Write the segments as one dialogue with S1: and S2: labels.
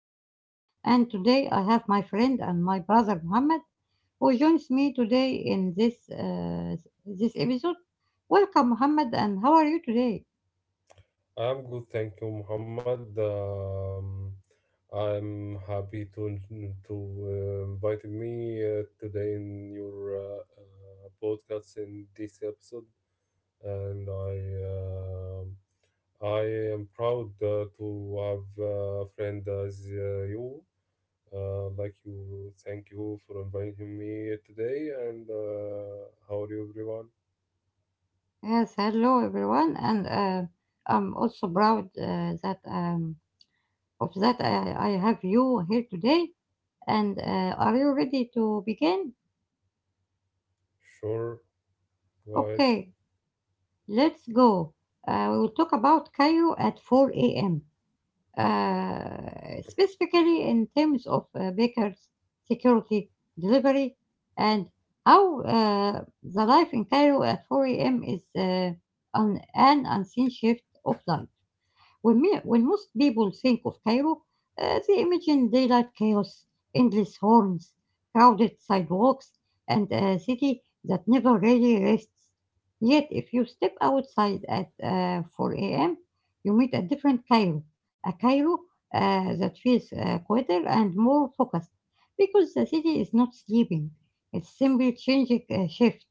S1: Mohammed, and today I have my friend and my brother Mohammed, who joins me today in this episode. Welcome, Mohammed, and how are you today?
S2: I'm good, thank you, Muhammad. I'm happy to to invite me today in your podcast in this episode, and um I am proud to have a friend as you. Like you, thank you for inviting me today. And how are you, everyone?
S1: Yes, hello, everyone, and I'm also proud that of that I have you here today. And are you ready to begin?
S2: Sure, go ahead.
S1: Okay, let's go. We will talk about Cairo at 4 a.m., specifically in terms of bakers, security, delivery, and how the life in Cairo at 4 a.m. is, on an unseen shift of life. When most people think of Cairo, they imagine daylight chaos, endless horns, crowded sidewalks, and a city that never really rests. Yet, if you step outside at 4 a.m., you meet a different Cairo, a Cairo that feels quieter and more focused because the city is not sleeping, it's simply changing shift.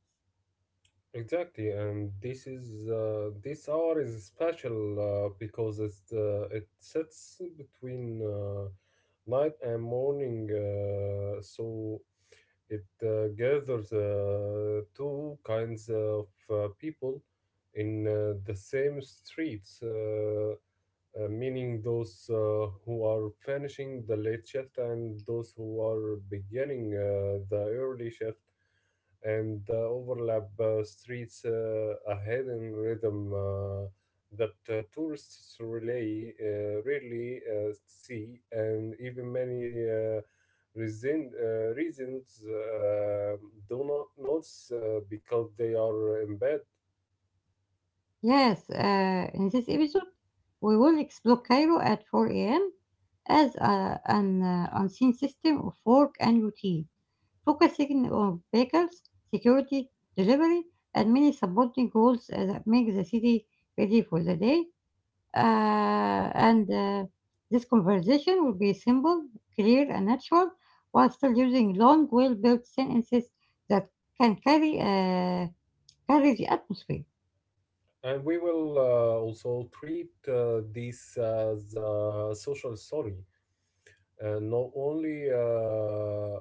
S2: Exactly, and this hour is special because it sits between night and morning, so it gathers two kinds of people in the same streets. Meaning those who are finishing the late shift and those who are beginning the early shift, and the overlap streets a hidden rhythm that tourists really rarely see, and even many. Reasons do not notice because they are embedded.
S1: Yes, in this episode, we will explore Cairo at 4 a.m. as an unseen system of work and routine, focusing on bakers, security, delivery, and many supporting roles that make the city ready for the day. And This conversation will be simple, clear, and natural, while still using long, well-built sentences that can carry the atmosphere.
S2: And we will also treat this as a social story and not only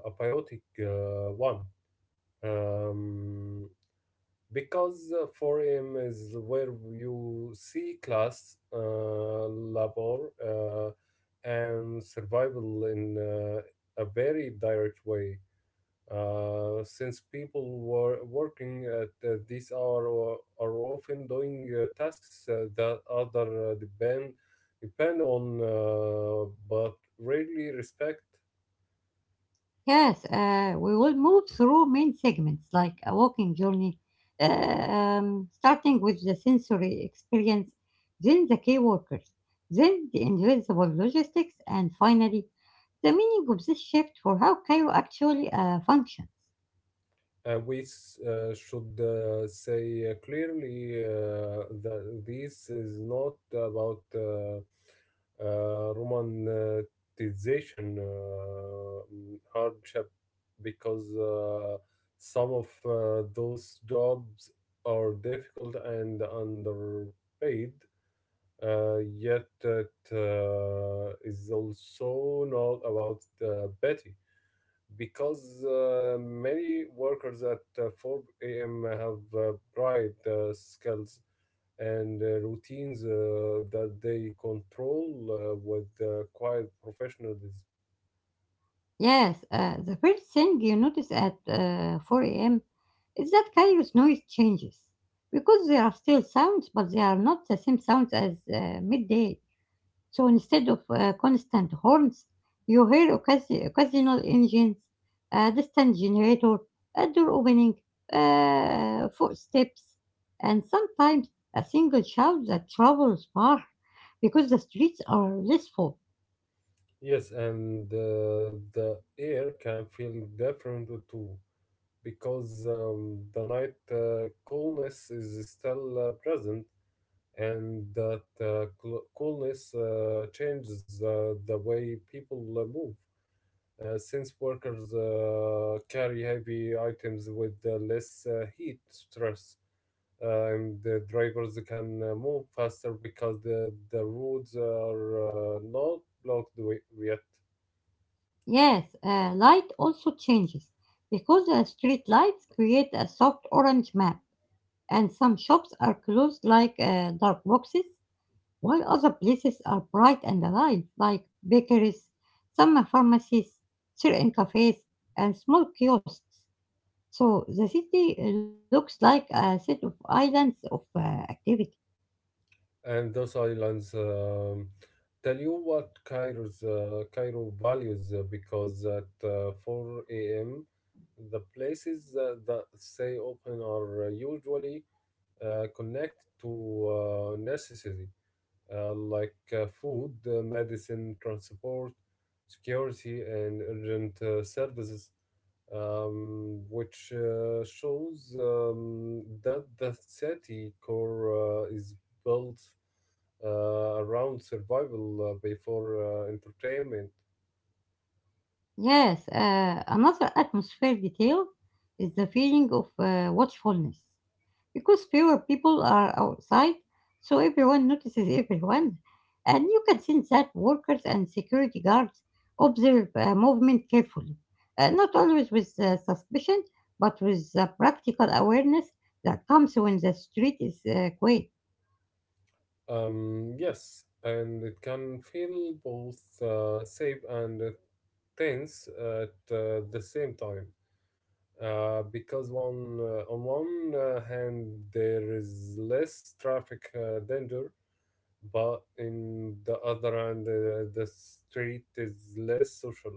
S2: a biotic one. Um, because for him is where you see class, labor, and survival in a very direct way. Since people were working at this hour or are often doing tasks that other depend on, but rarely respect.
S1: Yes, we will move through main segments like a walking journey, starting with the sensory experience, then the key workers, then the invisible logistics, and finally, the meaning of this shift for how Cairo actually functions.
S2: We should say clearly that this is not about romanticization hardship because some of those jobs are difficult and underpaid. Yet it is also not about pity because many workers at 4 a.m. have bright skills and routines that they control with quiet professionalism.
S1: Yes, the first thing you notice at 4 a.m. is that Cairo's noise changes because there are still sounds, but they are not the same sounds as midday. So instead of constant horns, you hear occasional engines, a distant generator, a door opening, footsteps, and sometimes a single shout that travels far because the streets are less full.
S2: Yes, and the air can feel different too because the night coolness is still present, and that coolness changes the way people move. Since workers carry heavy items with less heat stress. And the drivers can move faster because the roads are not blocked yet.
S1: Yes, light also changes because the street lights create a soft orange map, and some shops are closed like dark boxes while other places are bright and alive, like bakeries, some pharmacies, certain cafes, and small kiosks. So the city looks like a set of islands of activity.
S2: And those islands tell you what Cairo values because at 4 a.m. the places that stay open are usually connected to necessity like food, medicine, transport, security, and urgent services, which shows that the city core is built uh, around survival before entertainment.
S1: Yes, another atmosphere detail is the feeling of watchfulness, because fewer people are outside, so everyone notices everyone. And you can sense that workers and security guards observe movement carefully, not always with suspicion, but with the practical awareness that comes when the street is quiet.
S2: Yes, and it can feel both safe and tense at the same time. Because one On one hand there is less traffic danger, but in the other hand the street is less social.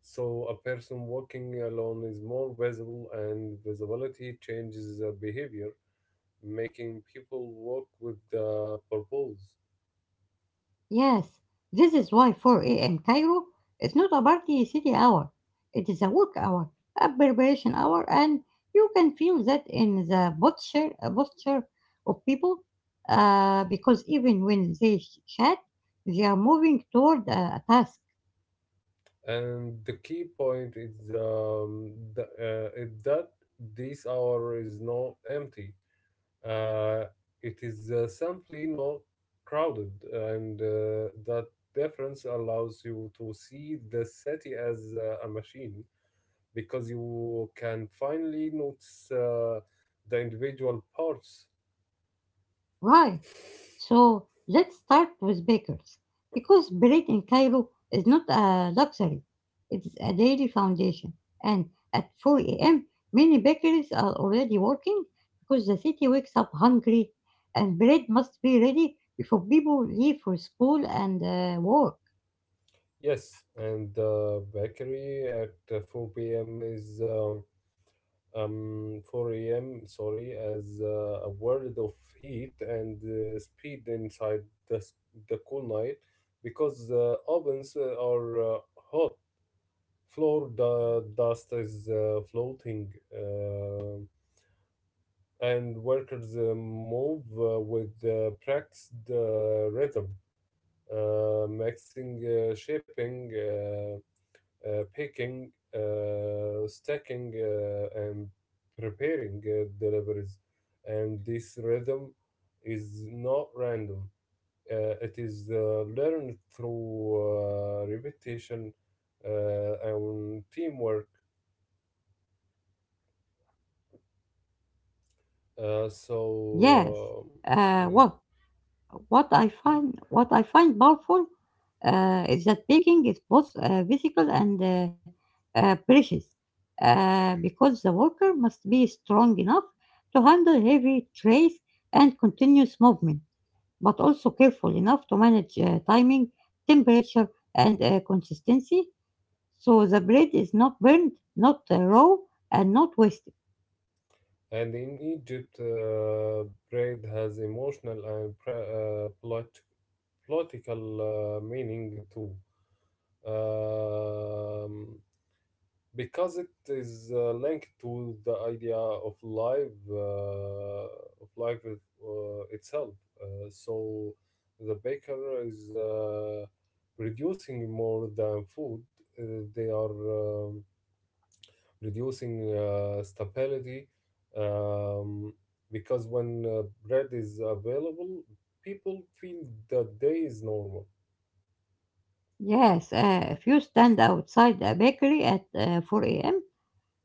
S2: So a person walking alone is more visible, and visibility changes behavior, making people walk with purpose.
S1: Yes, this is why 4 a.m. Cairo is not a party city hour. It is a work hour, a preparation hour, and you can feel that in the posture of people, because even when they chat, they are moving toward a task.
S2: And the key point is is that this hour is not empty. Uh, it is simply not crowded, and that difference allows you to see the city as a machine because you can finally notice the individual parts.
S1: Right. So let's start with bakers, because bread in Cairo is not a luxury, it is a daily foundation. And at 4 a.m., many bakeries are already working because the city wakes up hungry, and bread must be ready before people leave for school and work.
S2: Yes, and the bakery at 4 p.m. is 4 a.m sorry as a world of heat and speed inside the cool night because ovens are hot floor the dust is floating, and workers move with practiced rhythm, mixing, shaping, picking, stacking, and preparing deliveries. And this rhythm is not random. It is learned through repetition and teamwork. Uh,
S1: Yes,
S2: so,
S1: uh,
S2: um,
S1: what? what I find powerful is that baking is both physical and precious, because the worker must be strong enough to handle heavy trays and continuous movement, but also careful enough to manage timing, temperature, and consistency, so the bread is not burned, not raw, and not wasted.
S2: and in Egypt, bread has emotional and political meaning too. Um, because it is linked to the idea of life itself. So the baker is producing more than food. uh, they are reducing stability um, because when bread is available, people feel that day is normal.
S1: Yes, if you stand outside a bakery at 4 a.m.,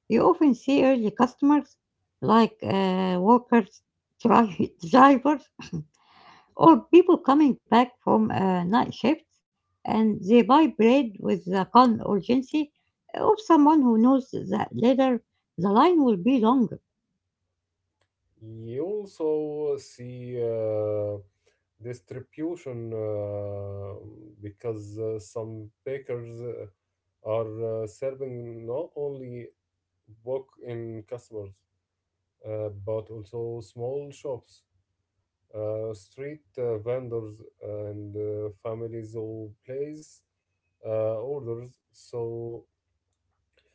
S1: you often see early customers like workers, drivers, or people coming back from night shifts, and they buy bread with the calm urgency of someone who knows that later the line will be longer.
S2: You also see distribution because some bakers are serving not only book in customers, but also small shops, street vendors, and families who place orders. So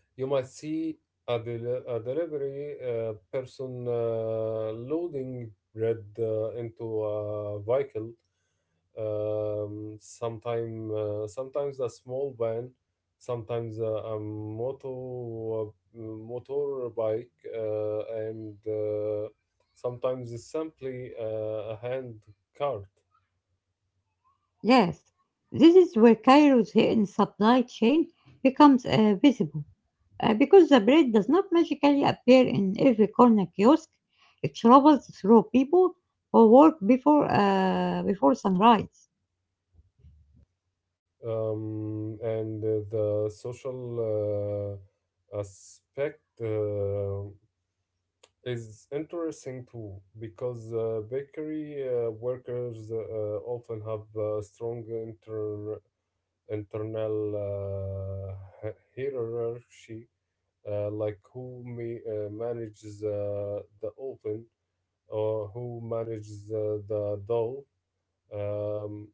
S2: you might see a delivery person loading bread into a vehicle, sometimes a small van, sometimes a motorbike, and sometimes it's simply a hand cart.
S1: Yes, this is where Cairo's hidden supply chain becomes visible. Because the bread does not magically appear in every corner kiosk, it travels through people who work before sunrise.
S2: And the social aspect. Is interesting too because bakery workers often have strong internal uh, hierarchy like who manages the oven or who manages the dough, um,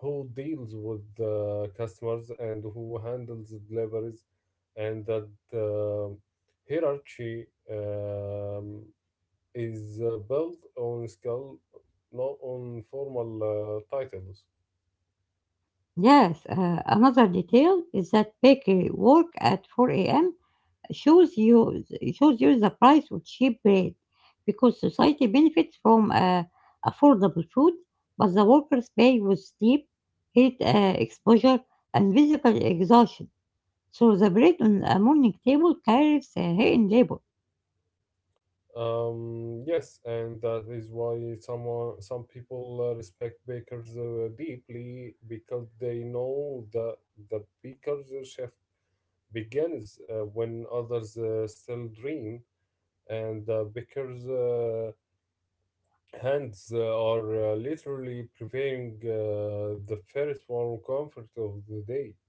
S2: who deals with the customers and who handles deliveries, and that hierarchy um, is built on skill, not on formal titles.
S1: Yes, another detail is that bakery work at 4 a.m. shows you shows you the price of cheap bread, because society benefits from affordable food, but the workers pay with sleep, heat exposure, and physical exhaustion. So the bread on a morning table carries a hidden labor.
S2: Yes, and that is why some people respect bakers deeply because they know that the baker's shift begins when others still dream, and the baker's hands are literally preparing the first warm comfort of the day.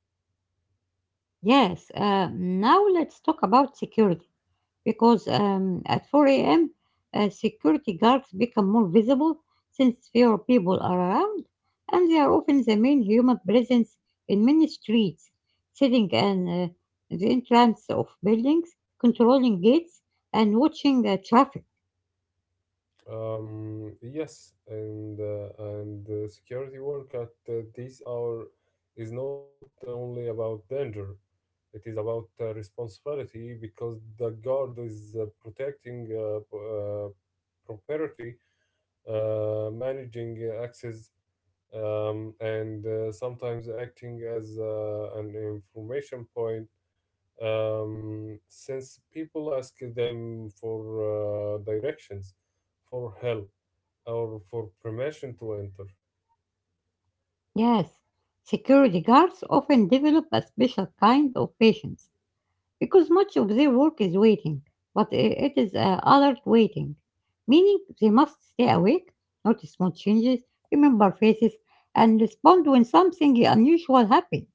S1: Yes, now let's talk about security because at 4 a.m. Security guards become more visible since fewer people are around and they are often the main human presence in many streets, sitting and the entrance of buildings, controlling gates, and watching traffic.
S2: Yes, and security work at this hour is not only about danger; it is about responsibility because the guard is protecting property, managing access, and sometimes acting as an information point, since people ask them for directions, for help, or for permission to enter.
S1: Yes, security guards often develop a special kind of patience because much of their work is waiting, but it is alert waiting, meaning they must stay awake, notice small changes, remember faces, and respond when something unusual happens.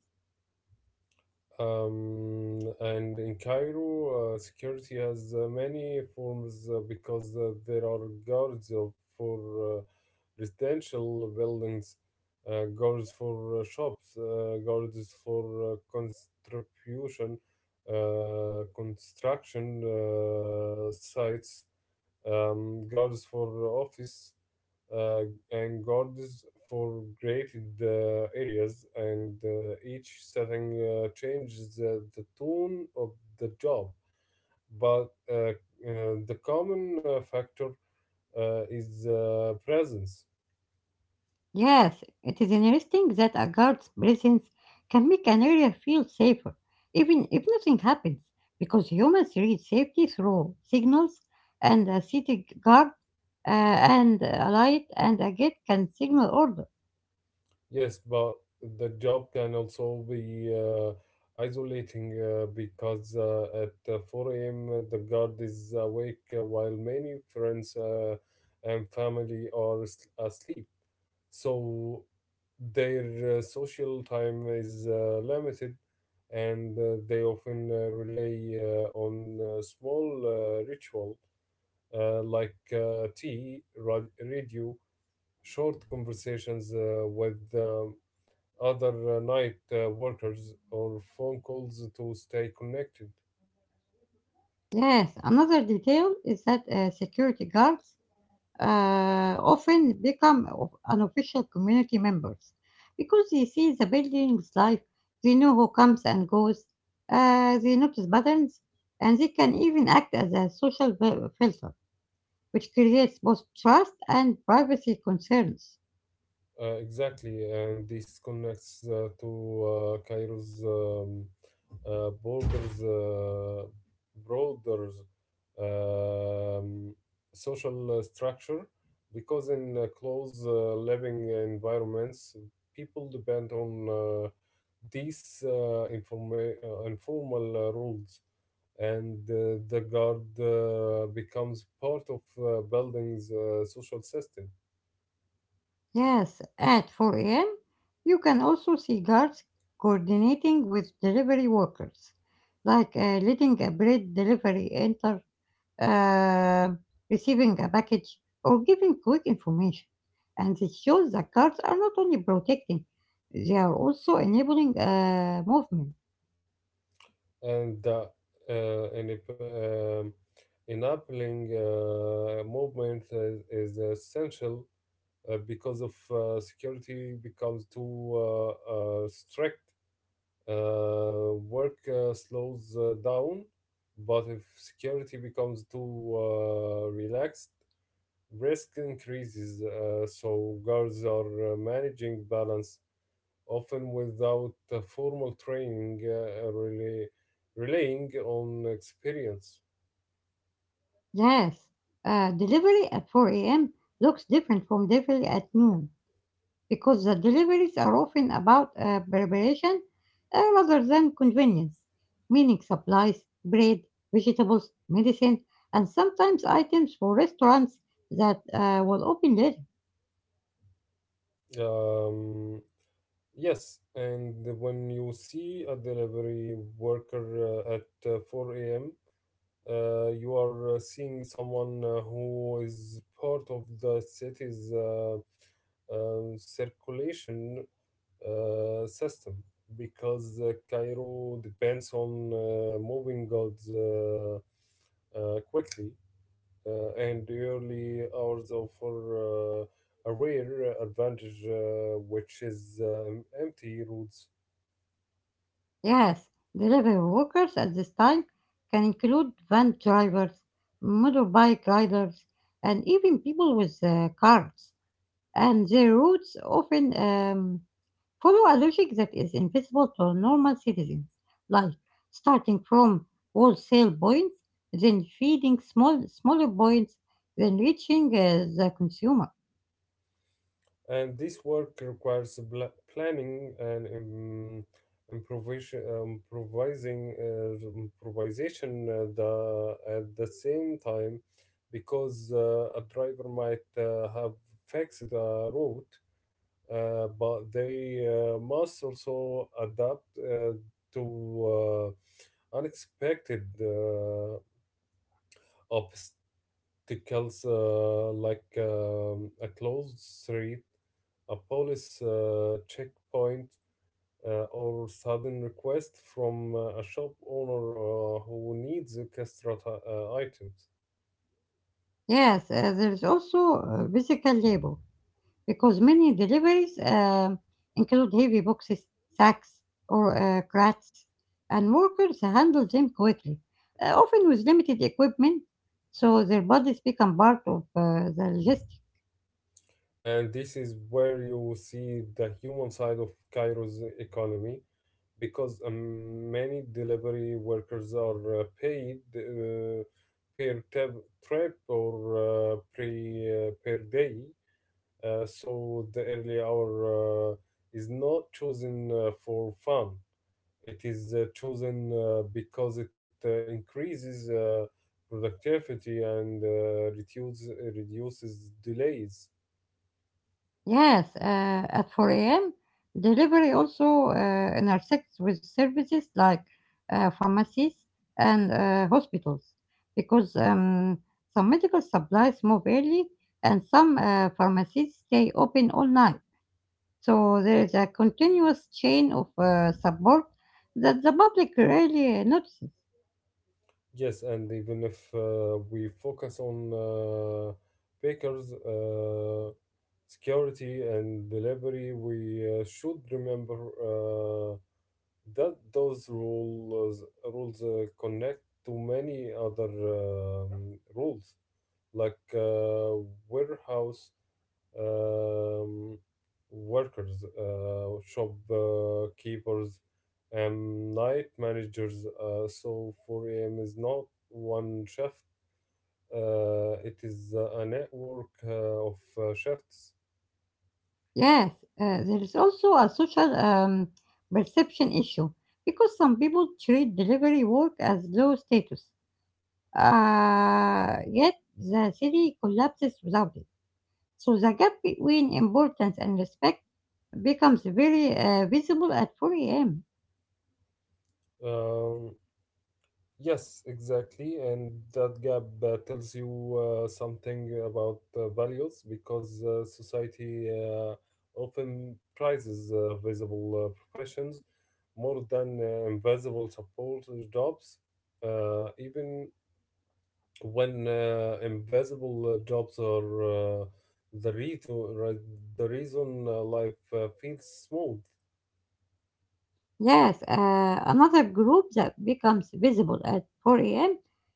S2: And in Cairo, security has many forms because there are guards for residential buildings, guards for shops, guards for construction sites, guards for office, uh, and guards for graded areas, and each setting changes the tone of the job. But The common factor is presence.
S1: Yes, it is interesting that a guard's presence can make an area feel safer, even if nothing happens, because humans read safety through signals, and a city guard, and a light, and a gate can signal order.
S2: Yes, but the job can also be isolating because at 4 a.m. the guard is awake while many friends and family are asleep. So their social time is limited, and they often rely on small ritual like tea, radio, short conversations with other night workers or phone calls to stay connected.
S1: Yes, another detail is that security guards often become unofficial community members because they see the building's life, they know who comes and goes, they notice patterns, and they can even act as a social filter, which creates both trust and privacy concerns.
S2: Exactly, and this connects to Cairo's uh, borders, uh, broader um, social structure because in close living environments, people depend on these informal rules, and the guard becomes part of building's social system.
S1: Yes, at 4 a.m., you can also see guards coordinating with delivery workers, like letting a bread delivery enter, uh, receiving a package, or giving quick information. And it shows that cards are not only protecting, they are also enabling movement.
S2: And the uh, inep- um, enabling movement is essential because of security becomes too strict. Work slows down, but if security becomes too relaxed, risk increases. So guards are managing balance often without formal training, really relying on experience.
S1: Yes, delivery at 4 a.m. looks different from delivery at noon because the deliveries are often about preparation, rather than convenience, meaning supplies, bread, vegetables, medicine, and sometimes items for restaurants that will open later.
S2: Um, yes, and when you see a delivery worker at 4 a.m., you are seeing someone who is part of the city's circulation system because Cairo depends on moving goods quickly, and early hours offer a rare advantage, which is empty routes.
S1: Yes, delivery workers at this time can include van drivers, motorbike riders, and even people with carts. And their routes often follow a logic that is invisible to normal citizens, like starting from wholesale points, then feeding small smaller points, then reaching the consumer.
S2: And this work requires planning and improvisation at the same time, because a driver might have fixed the route, but they must also adapt to unexpected obstacles like a closed street, a police checkpoint, or sudden request from a shop owner who needs extra items.
S1: Yes, there is also physical labor, because many deliveries include heavy boxes, sacks, or crates, and workers handle them quickly, often with limited equipment, so their bodies become part of the logistics.
S2: And this is where you will see the human side of Cairo's economy because many delivery workers are paid per trip or per day. So the early hour is not chosen for fun. It is chosen because it increases productivity and reduces delays.
S1: Yes, at 4 a.m., delivery also intersects with services like pharmacies and hospitals because some medical supplies move early and some pharmacies stay open all night. So there is a continuous chain of support that the public really notices.
S2: Yes, and even if we focus on bakers, security, and delivery, we should remember that those rules connect to many other rules like warehouse um, workers, shop keepers, and night managers. So 4 a.m. is not one shift. It is a network of shifts.
S1: Yes, there is also a social perception issue because some people treat delivery work as low status, yet the city collapses without it. So the gap between importance and respect becomes very visible at 4 a.m.
S2: Um, Yes, exactly. And that gap tells you something about values because society often prizes visible professions more than invisible support jobs, even when invisible jobs are the, reason, right, the reason life feels smooth.
S1: Yes, another group that becomes visible at 4 a.m.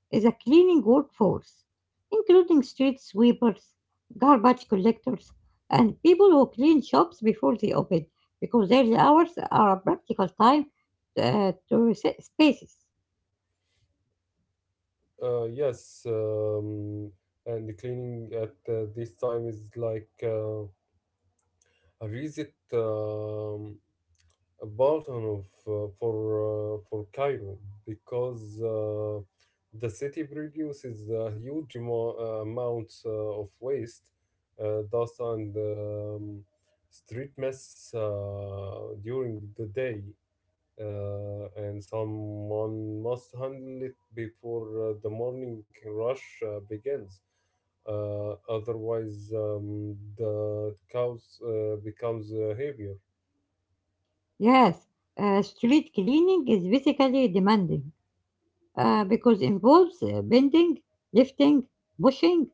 S1: is a cleaning workforce, including street sweepers, garbage collectors, and people who clean shops before they open because their hours are a practical time to reset spaces.
S2: Yes, and cleaning at this time is like. Read it button of, for for Cairo because the city produces a huge amount of waste, dust, and street mess during the day, and someone must handle it before the morning rush begins. Otherwise, the cows becomes heavier.
S1: Yes, street cleaning is physically demanding because involves bending, lifting, pushing,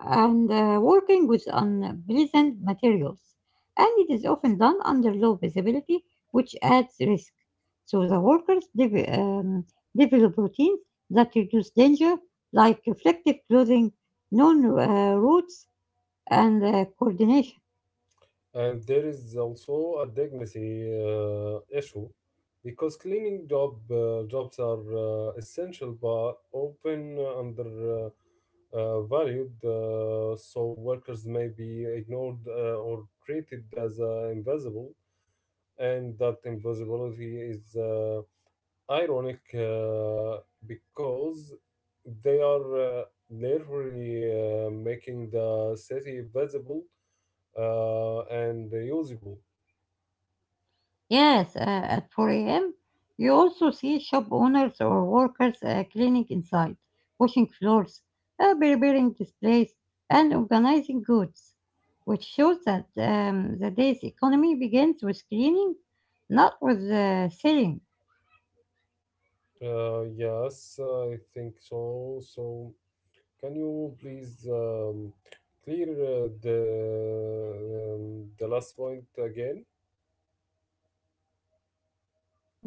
S1: and working with unpleasant materials. And it is often done under low visibility, which adds risk. So the workers develop routines that reduce danger, like reflective clothing, known routes, and coordination.
S2: And there is also a dignity issue because cleaning jobs are essential but often under uh, valued, so workers may be ignored or treated as invisible, and that invisibility is ironic because they are literally making the city visible and usable.
S1: Yes, at 4 a.m., you also see shop owners or workers cleaning inside, washing floors, preparing displays, and organizing goods, which shows that the day's economy begins with cleaning, not with selling.
S2: Yes, I think so. So, can you please clear the the last point again?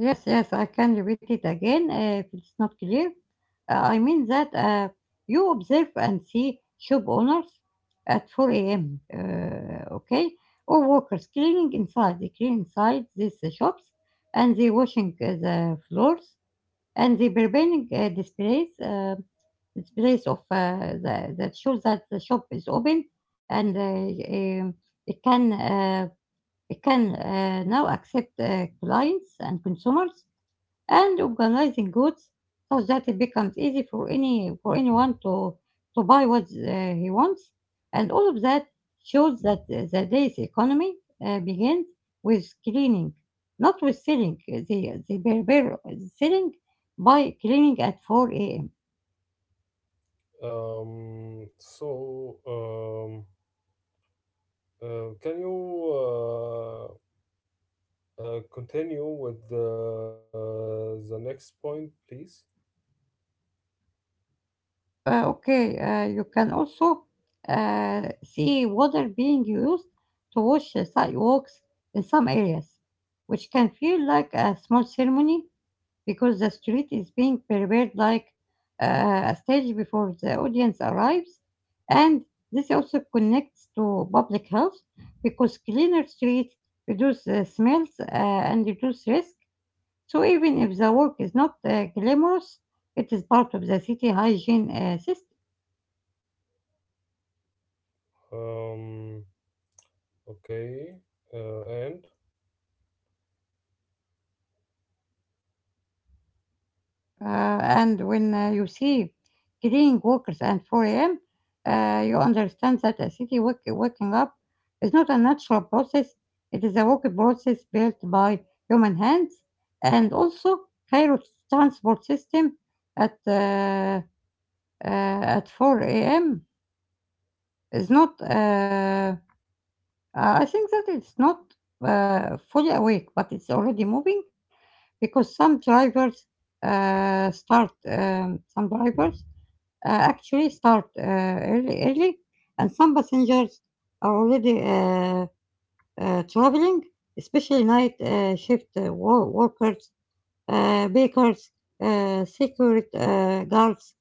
S1: Yes, yes, I can repeat it again if it's not clear. I mean that you observe and see shop owners at 4 a.m., okay, or workers cleaning inside. They clean inside these shops and they washing the floors and they preparing displays, displays of that shows that the shop is open and it can. Uh, it can now accept clients and consumers and organizing goods so that it becomes easy for any for anyone to buy what he wants, and all of that shows that the day's economy begins with cleaning, not with selling. They were selling by cleaning at 4 a.m.
S2: Um, so, um, can you continue with the next point, please.
S1: Okay, you can also see water being used to wash the sidewalks in some areas, which can feel like a small ceremony because the street is being prepared like a stage before the audience arrives. And this also connects to public health because cleaner streets reduce smells and reduce risk. So even if the work is not glamorous, it is part of the city hygiene system.
S2: Um, okay. And
S1: And When you see cleaning workers at 4 a.m., you understand that a city waking up is not a natural process. It is a work process built by human hands. And also, Cairo's transport system at uh, at 4 a.m. is not. I think that it's not fully awake, but it's already moving because some drivers start some drivers actually start early, early, and some passengers are already traveling, especially night shift workers, bakers, security guards,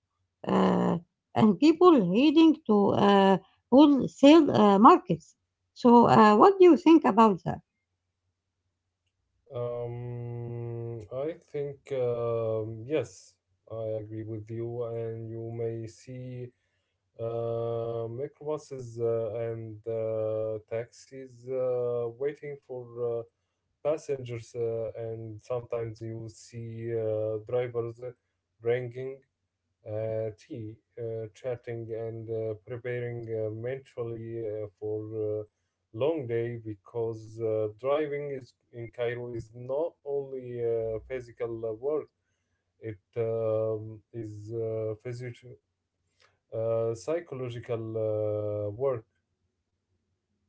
S1: uh, and people heading to wholesale markets. So, what do you think about that?
S2: I think yes, I agree with you, and you may see. Microbuses and taxis waiting for passengers, and sometimes you see drivers drinking tea, chatting, and preparing mentally for long day, because driving is in Cairo is not only physical work; it is psychological work.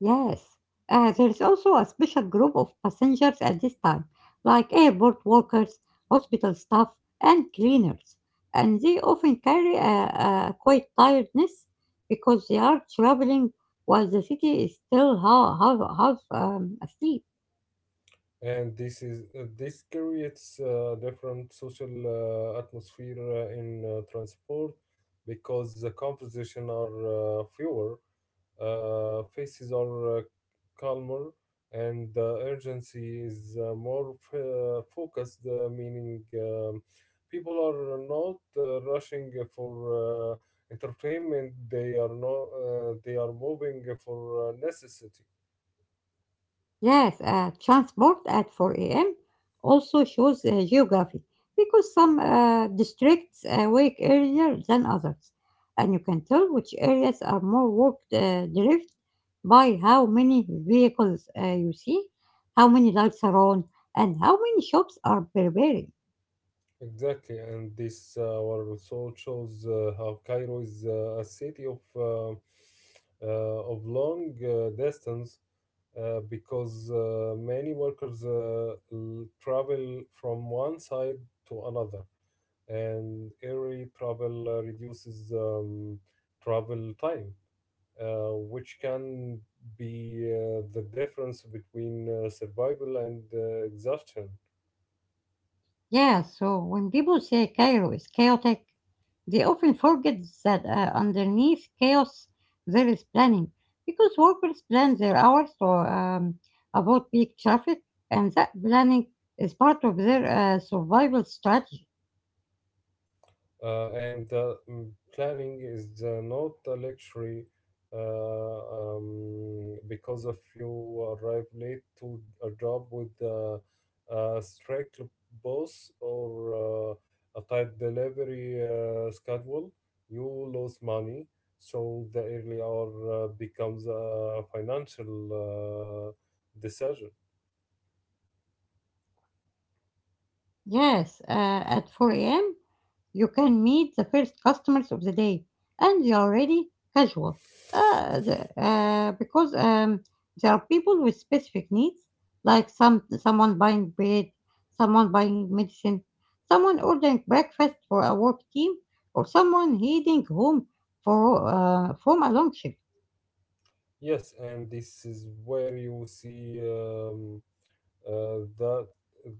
S1: Yes, there is also a special group of passengers at this time, like airport workers, hospital staff, and cleaners. And they often carry a quite tiredness because they are traveling while the city is still half asleep.
S2: And this creates different social atmosphere in transport, because the conversation are fewer, faces are calmer, and the urgency is more focused, meaning people are not rushing for entertainment. They are not They are moving for necessity.
S1: Yes, transport at 4 a.m. also shows geography because some districts wake earlier than others, and you can tell which areas are more work driven by how many vehicles you see, how many lights are on, and how many shops are prepared.
S2: Exactly, and this war also shows how Cairo is a city of of long distance, because many workers travel from one side to another, and air travel reduces travel time, which can be the difference between survival and exhaustion.
S1: Yeah, so when people say Cairo is chaotic, they often forget that underneath chaos there is planning because workers plan their hours to avoid peak traffic, and that planning is part of their survival strategy.
S2: And planning is not a luxury, because if you arrive late to a job with a strict boss or a tight delivery schedule, you lose money. So the early hour becomes a financial decision.
S1: Yes, at 4 a.m., you can meet the first customers of the day, and they are already casual because there are people with specific needs, like someone buying bread, someone buying medicine, someone ordering breakfast for a work team, or someone heading home for from a long shift.
S2: Yes, and this is where you seeUh, the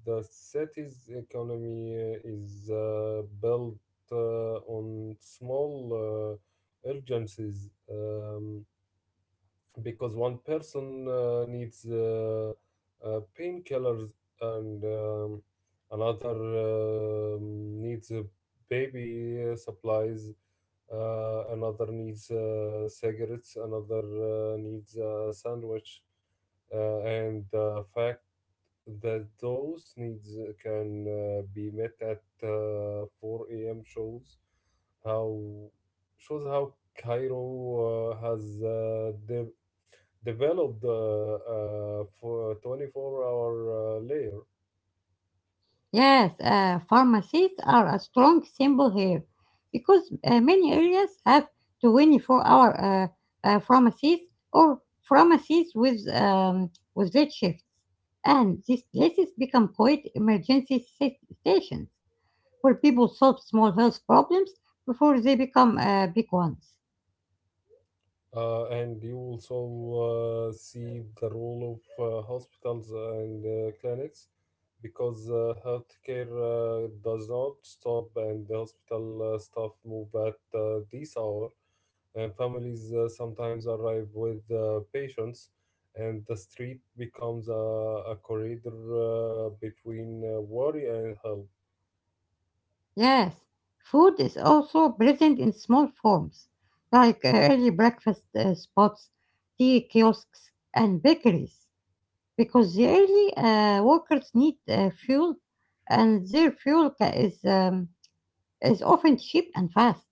S2: the city's economy is built on small urgencies, because one person needs painkillers, and another needs baby supplies. Another needs cigarettes, another needs a sandwich, and the fact that those needs can be met at 4 a.m. shows how how Cairo has developed for a 24-hour hour layer.
S1: Yes, pharmacies are a strong symbol here because many areas have 24-hour pharmacies or pharmacies with late shifts, and these places become quite emergency stations where people solve small health problems before they become big ones.
S2: And you also see the role of hospitals and clinics, because healthcare does not stop, and the hospital staff move at this hour, and families sometimes arrive with patients, and the street becomes a corridor between worry and help.
S1: Yes, food is also present in small forms like early breakfast spots, tea kiosks, and bakeries. Because the early workers need fuel, and their fuel is often cheap and fast.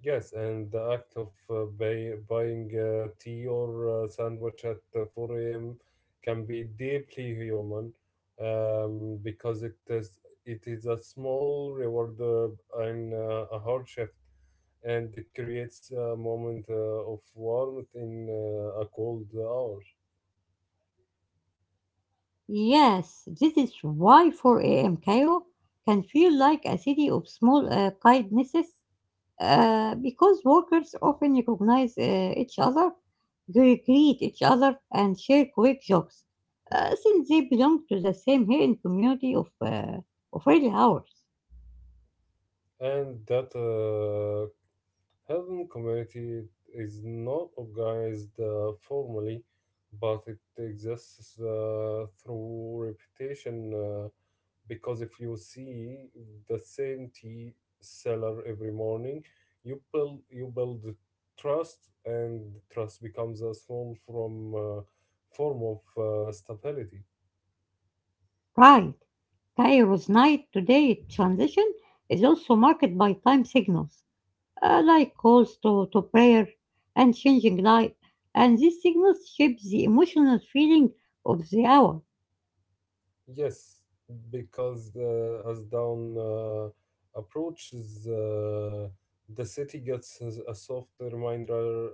S2: Yes, and the act of buying a tea or a sandwich at 4 a.m. can be deeply human, because it is a small reward and a hard shift, and it creates a moment of warmth in a cold hour.
S1: Yes, this is why 4 a.m. Cairo can feel like a city of small kindnesses, because workers often recognize each other, greet each other, and share quick jobs, since they belong to the same hidden community of early hours.
S2: And that Heaven community is not organized formally, but it exists through reputation. Because if you see the same tea seller every morning, you build trust, and trust becomes a small from form of stability.
S1: Right. Cairo's night to day transition is also marked by time signals, like calls to prayer and changing light, and these signals shape the emotional feeling of the hour.
S2: Yes, because the as dawn approaches, the city gets a soft reminder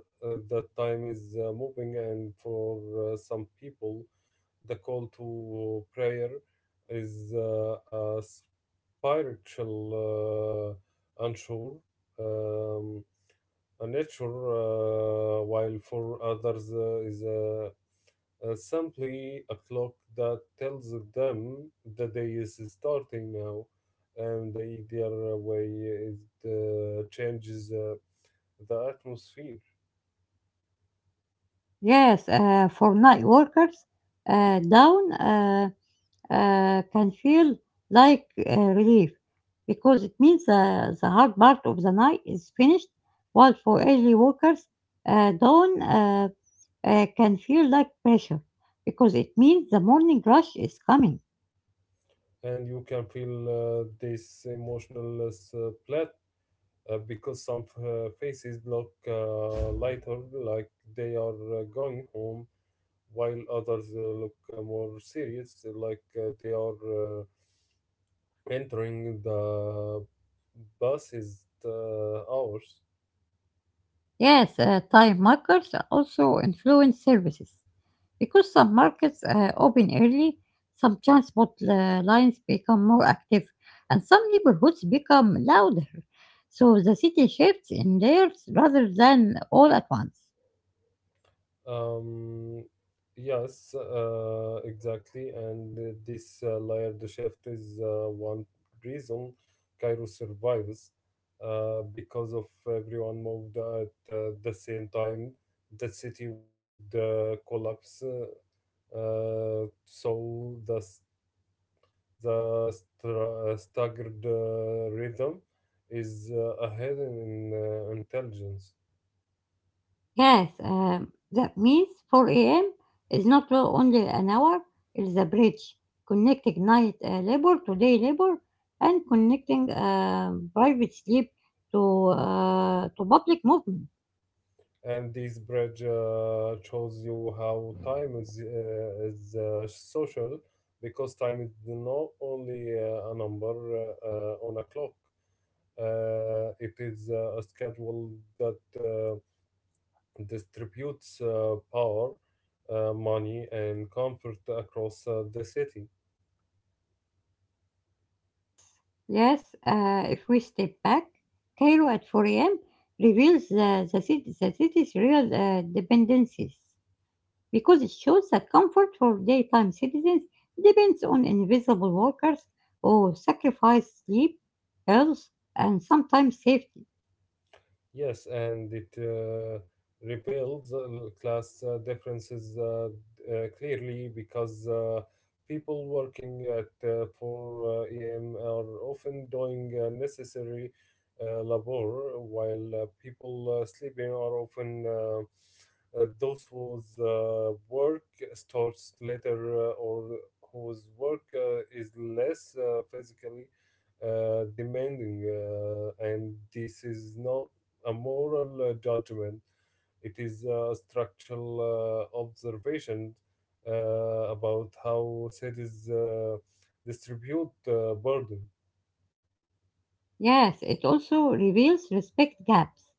S2: that time is moving, and for some people, the call to prayer is a spiritual unsure. Um, Nature, while for others is simply a clock that tells them the day is starting now, and the way it changes the atmosphere.
S1: Yes, for night workers, down can feel like relief because it means the hard part of the night is finished, while for early workers, dawn can feel like pressure because it means the morning rush is coming.
S2: And you can feel this emotional plat, because some faces look lighter, like they are going home, while others look more serious, like they are. Entering the bus is the hours.
S1: Yes, time markers also influence services. Because some markets open early, some transport lines become more active, and some neighborhoods become louder. So the city shifts in layers rather than all at once.
S2: Um, yes, exactly. And this layered shift is one reason Cairo survives, because of everyone moved at the same time. The city would collapse. So the staggered rhythm is a hidden intelligence.
S1: Yes, that means 4 a.m. is not only an hour, it's a bridge connecting night labor to day labor and connecting private sleep to public movement.
S2: And this bridge shows you how time is social, because time is not only a number on a clock. It is a schedule that distributes power, money, and comfort across the city.
S1: Yes, if we step back, Cairo at 4 a.m. reveals the city's real dependencies. Because it shows that comfort for daytime citizens depends on invisible workers who sacrifice sleep, health, and sometimes safety.
S2: Yes, and it repels class differences clearly, because people working at 4 a.m. are often doing necessary labor, while people sleeping are often those whose work starts later, or whose work is less physically demanding. And this is not a moral judgment, it is a structural observation uh, about how cities distribute burden.
S1: Yes, it also reveals respect gaps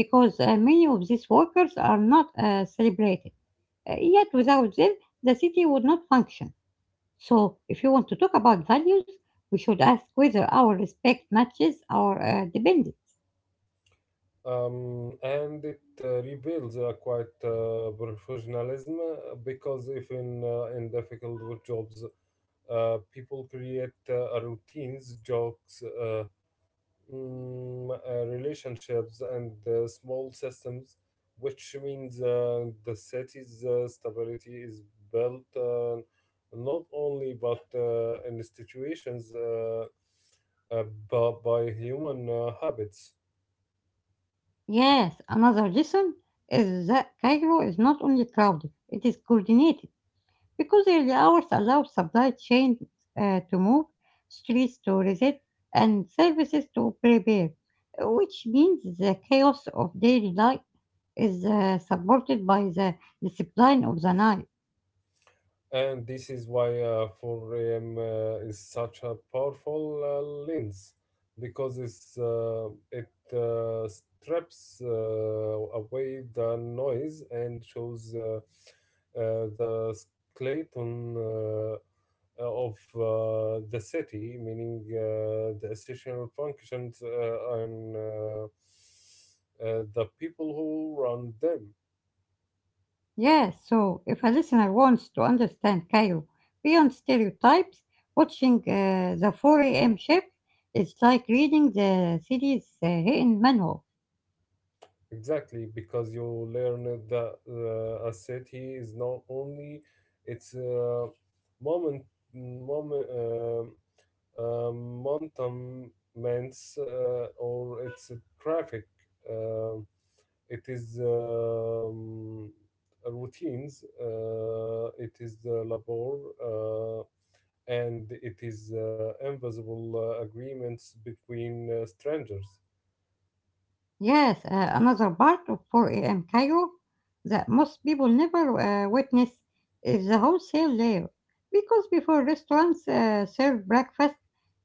S1: because many of these workers are not celebrated. Yet, without them, the city would not function. So, if you want to talk about values, we should ask whether our respect matches our dependence.
S2: And it reveals a quite professionalism, because if in difficult jobs, people create routines, jokes, relationships, and small systems, which means the city's stability is built not only but in institutions, uh, but by human habits.
S1: Yes, another reason is that Cairo is not only crowded, it is coordinated because early hours allow supply chains to move, streets to reset, and services to prepare, which means the chaos of daily life is supported by the discipline of the night.
S2: And this is why 4 a.m. Is such a powerful lens, because it strips away the noise and shows the skeleton of the city, meaning the essential functions and the people who run them.
S1: Yes, so if a listener wants to understand Cairo beyond stereotypes, watching the 4 a.m. shift is like reading the city's hidden manual.
S2: Exactly, because you learn that a city is not only its moment, moment, um monuments or its traffic. Uh, it is routines. It is the labor, and it is invisible agreements between strangers.
S1: Yes, another part of 4 a.m. Cairo that most people never witness is the wholesale layer. Because before restaurants serve breakfast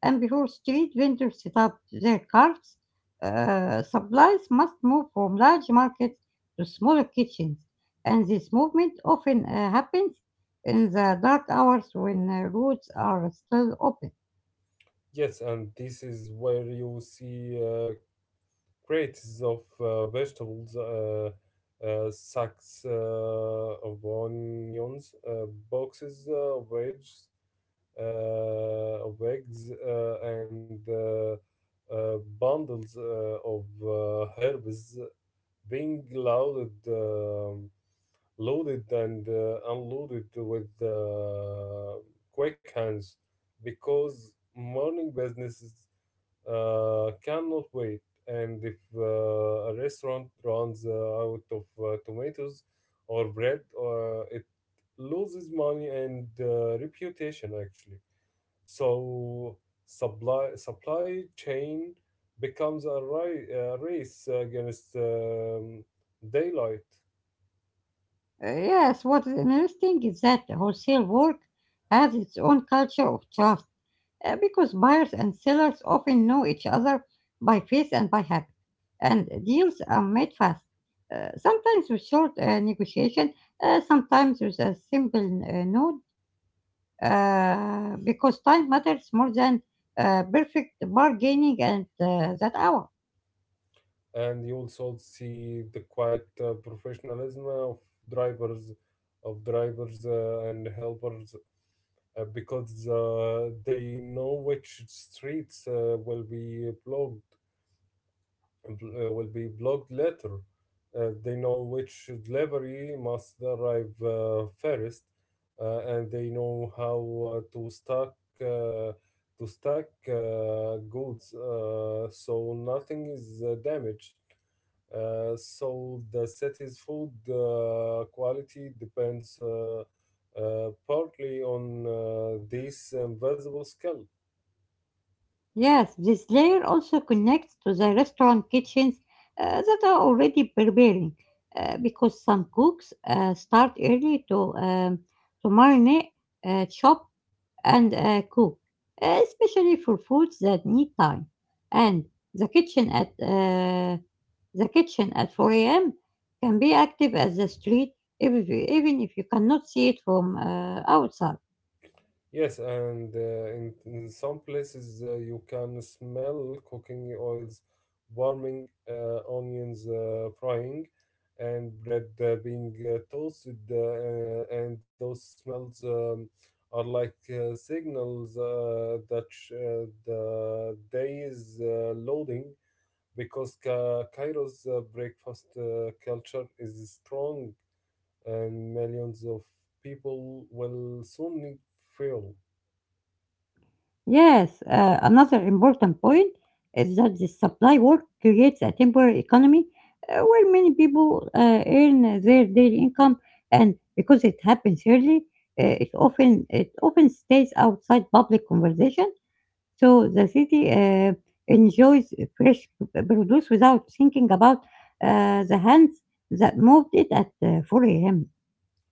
S1: and before street vendors set up their carts, supplies must move from large markets to smaller kitchens. And this movement often happens in the dark hours when roads are still open.
S2: Yes, and this is where you see crates of vegetables, sacks of onions, boxes of eggs, and bundles of herbs being loaded and unloaded with quick hands, because morning businesses cannot wait. And if a restaurant runs out of tomatoes or bread, it loses money and reputation actually. So supply chain becomes a race against daylight.
S1: Yes, what is interesting is that wholesale work has its own culture of trust because buyers and sellers often know each other by face and by habit, and deals are made fast, sometimes with short negotiation, sometimes with a simple nod, because time matters more than perfect bargaining at that hour.
S2: And you also see the quiet professionalism of drivers drivers and helpers, because they know which streets will be blocked later. They know which delivery must arrive first, and they know how to uh, stack goods so nothing is damaged. So the city's food quality depends partly on these invisible skills.
S1: Yes, this layer also connects to the restaurant kitchens that are already preparing, because some cooks start early to marinate, chop, and cook, especially for foods that need time. And the kitchen at uh, the kitchen at 4 a.m. can be active as the street, if, even if you cannot see it from outside.
S2: Yes, and in some places you can smell cooking oils warming, onions frying, and bread being toasted. And those smells are like signals that the day is loading, because Cairo's breakfast culture is strong, and millions of people will soon need fuel.
S1: Yes, another important point is that the supply work creates a temporary economy where many people earn their daily income, and because it happens early, it often stays outside public conversation. So the city enjoys fresh produce without thinking about the hands that moved it at 4 a.m.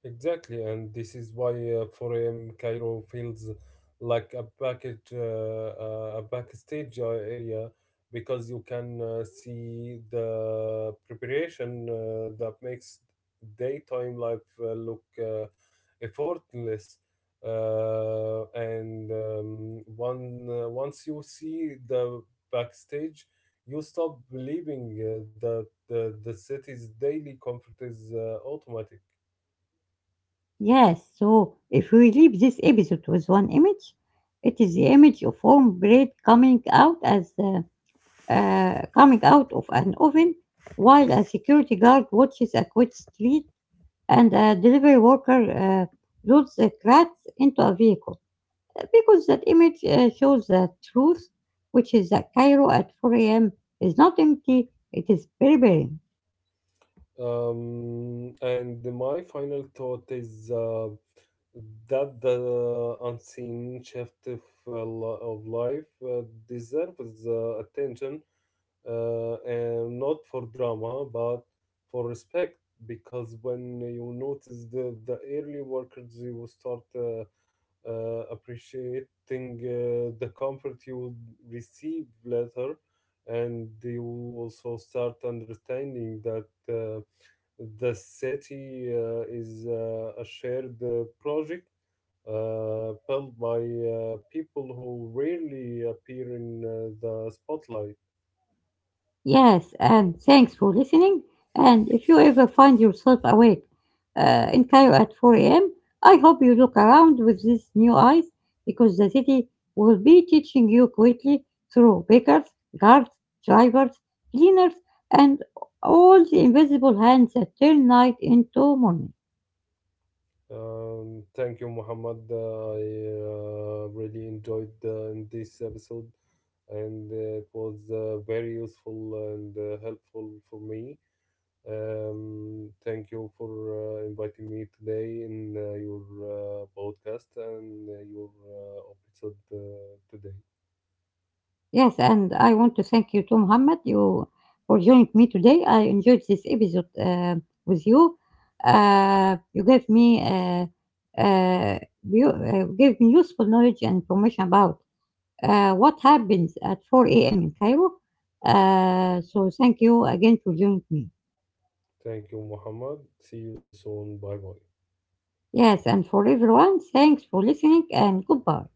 S2: Exactly, and this is why 4 a.m. Cairo feels like a backstage area, because you can see the preparation that makes daytime life look effortless. And once you see the backstage, you stop believing that the city's daily comfort is automatic.
S1: Yes, so if we leave this episode with one image, it is the image of home bread coming out of an oven while a security guard watches a quiet street and a delivery worker loads the cracks into a vehicle. Because that image shows the truth, which is that Cairo at 4 a.m. is not empty, it is very.
S2: And my final thought is that the unseen shift of life deserves attention, and not for drama, but for respect. Because when you notice the early workers, you start appreciating the comfort you receive later, and you also start understanding that. The city is a shared project built by people who rarely appear in the spotlight.
S1: Yes, and thanks for listening. And if you ever find yourself awake in Cairo at 4 a.m., I hope you look around with these new eyes because the city will be teaching you quickly through bakers, guards, drivers, cleaners, and all the invisible hands that turn night into morning.
S2: Thank you, Muhammad. I really enjoyed in this episode, and it was very useful and helpful for me. Thank you for inviting me today in your podcast and your episode today.
S1: Yes, and I want to thank you too, Muhammad, you for joining me today. I enjoyed this episode with you. Uh, you gave me uh, uh, you gave me useful knowledge and information about what happens at 4 a.m. in Cairo. So thank you again for joining me.
S2: Thank you, Muhammad. See you soon. Bye bye.
S1: Yes, and for everyone, thanks for listening and goodbye.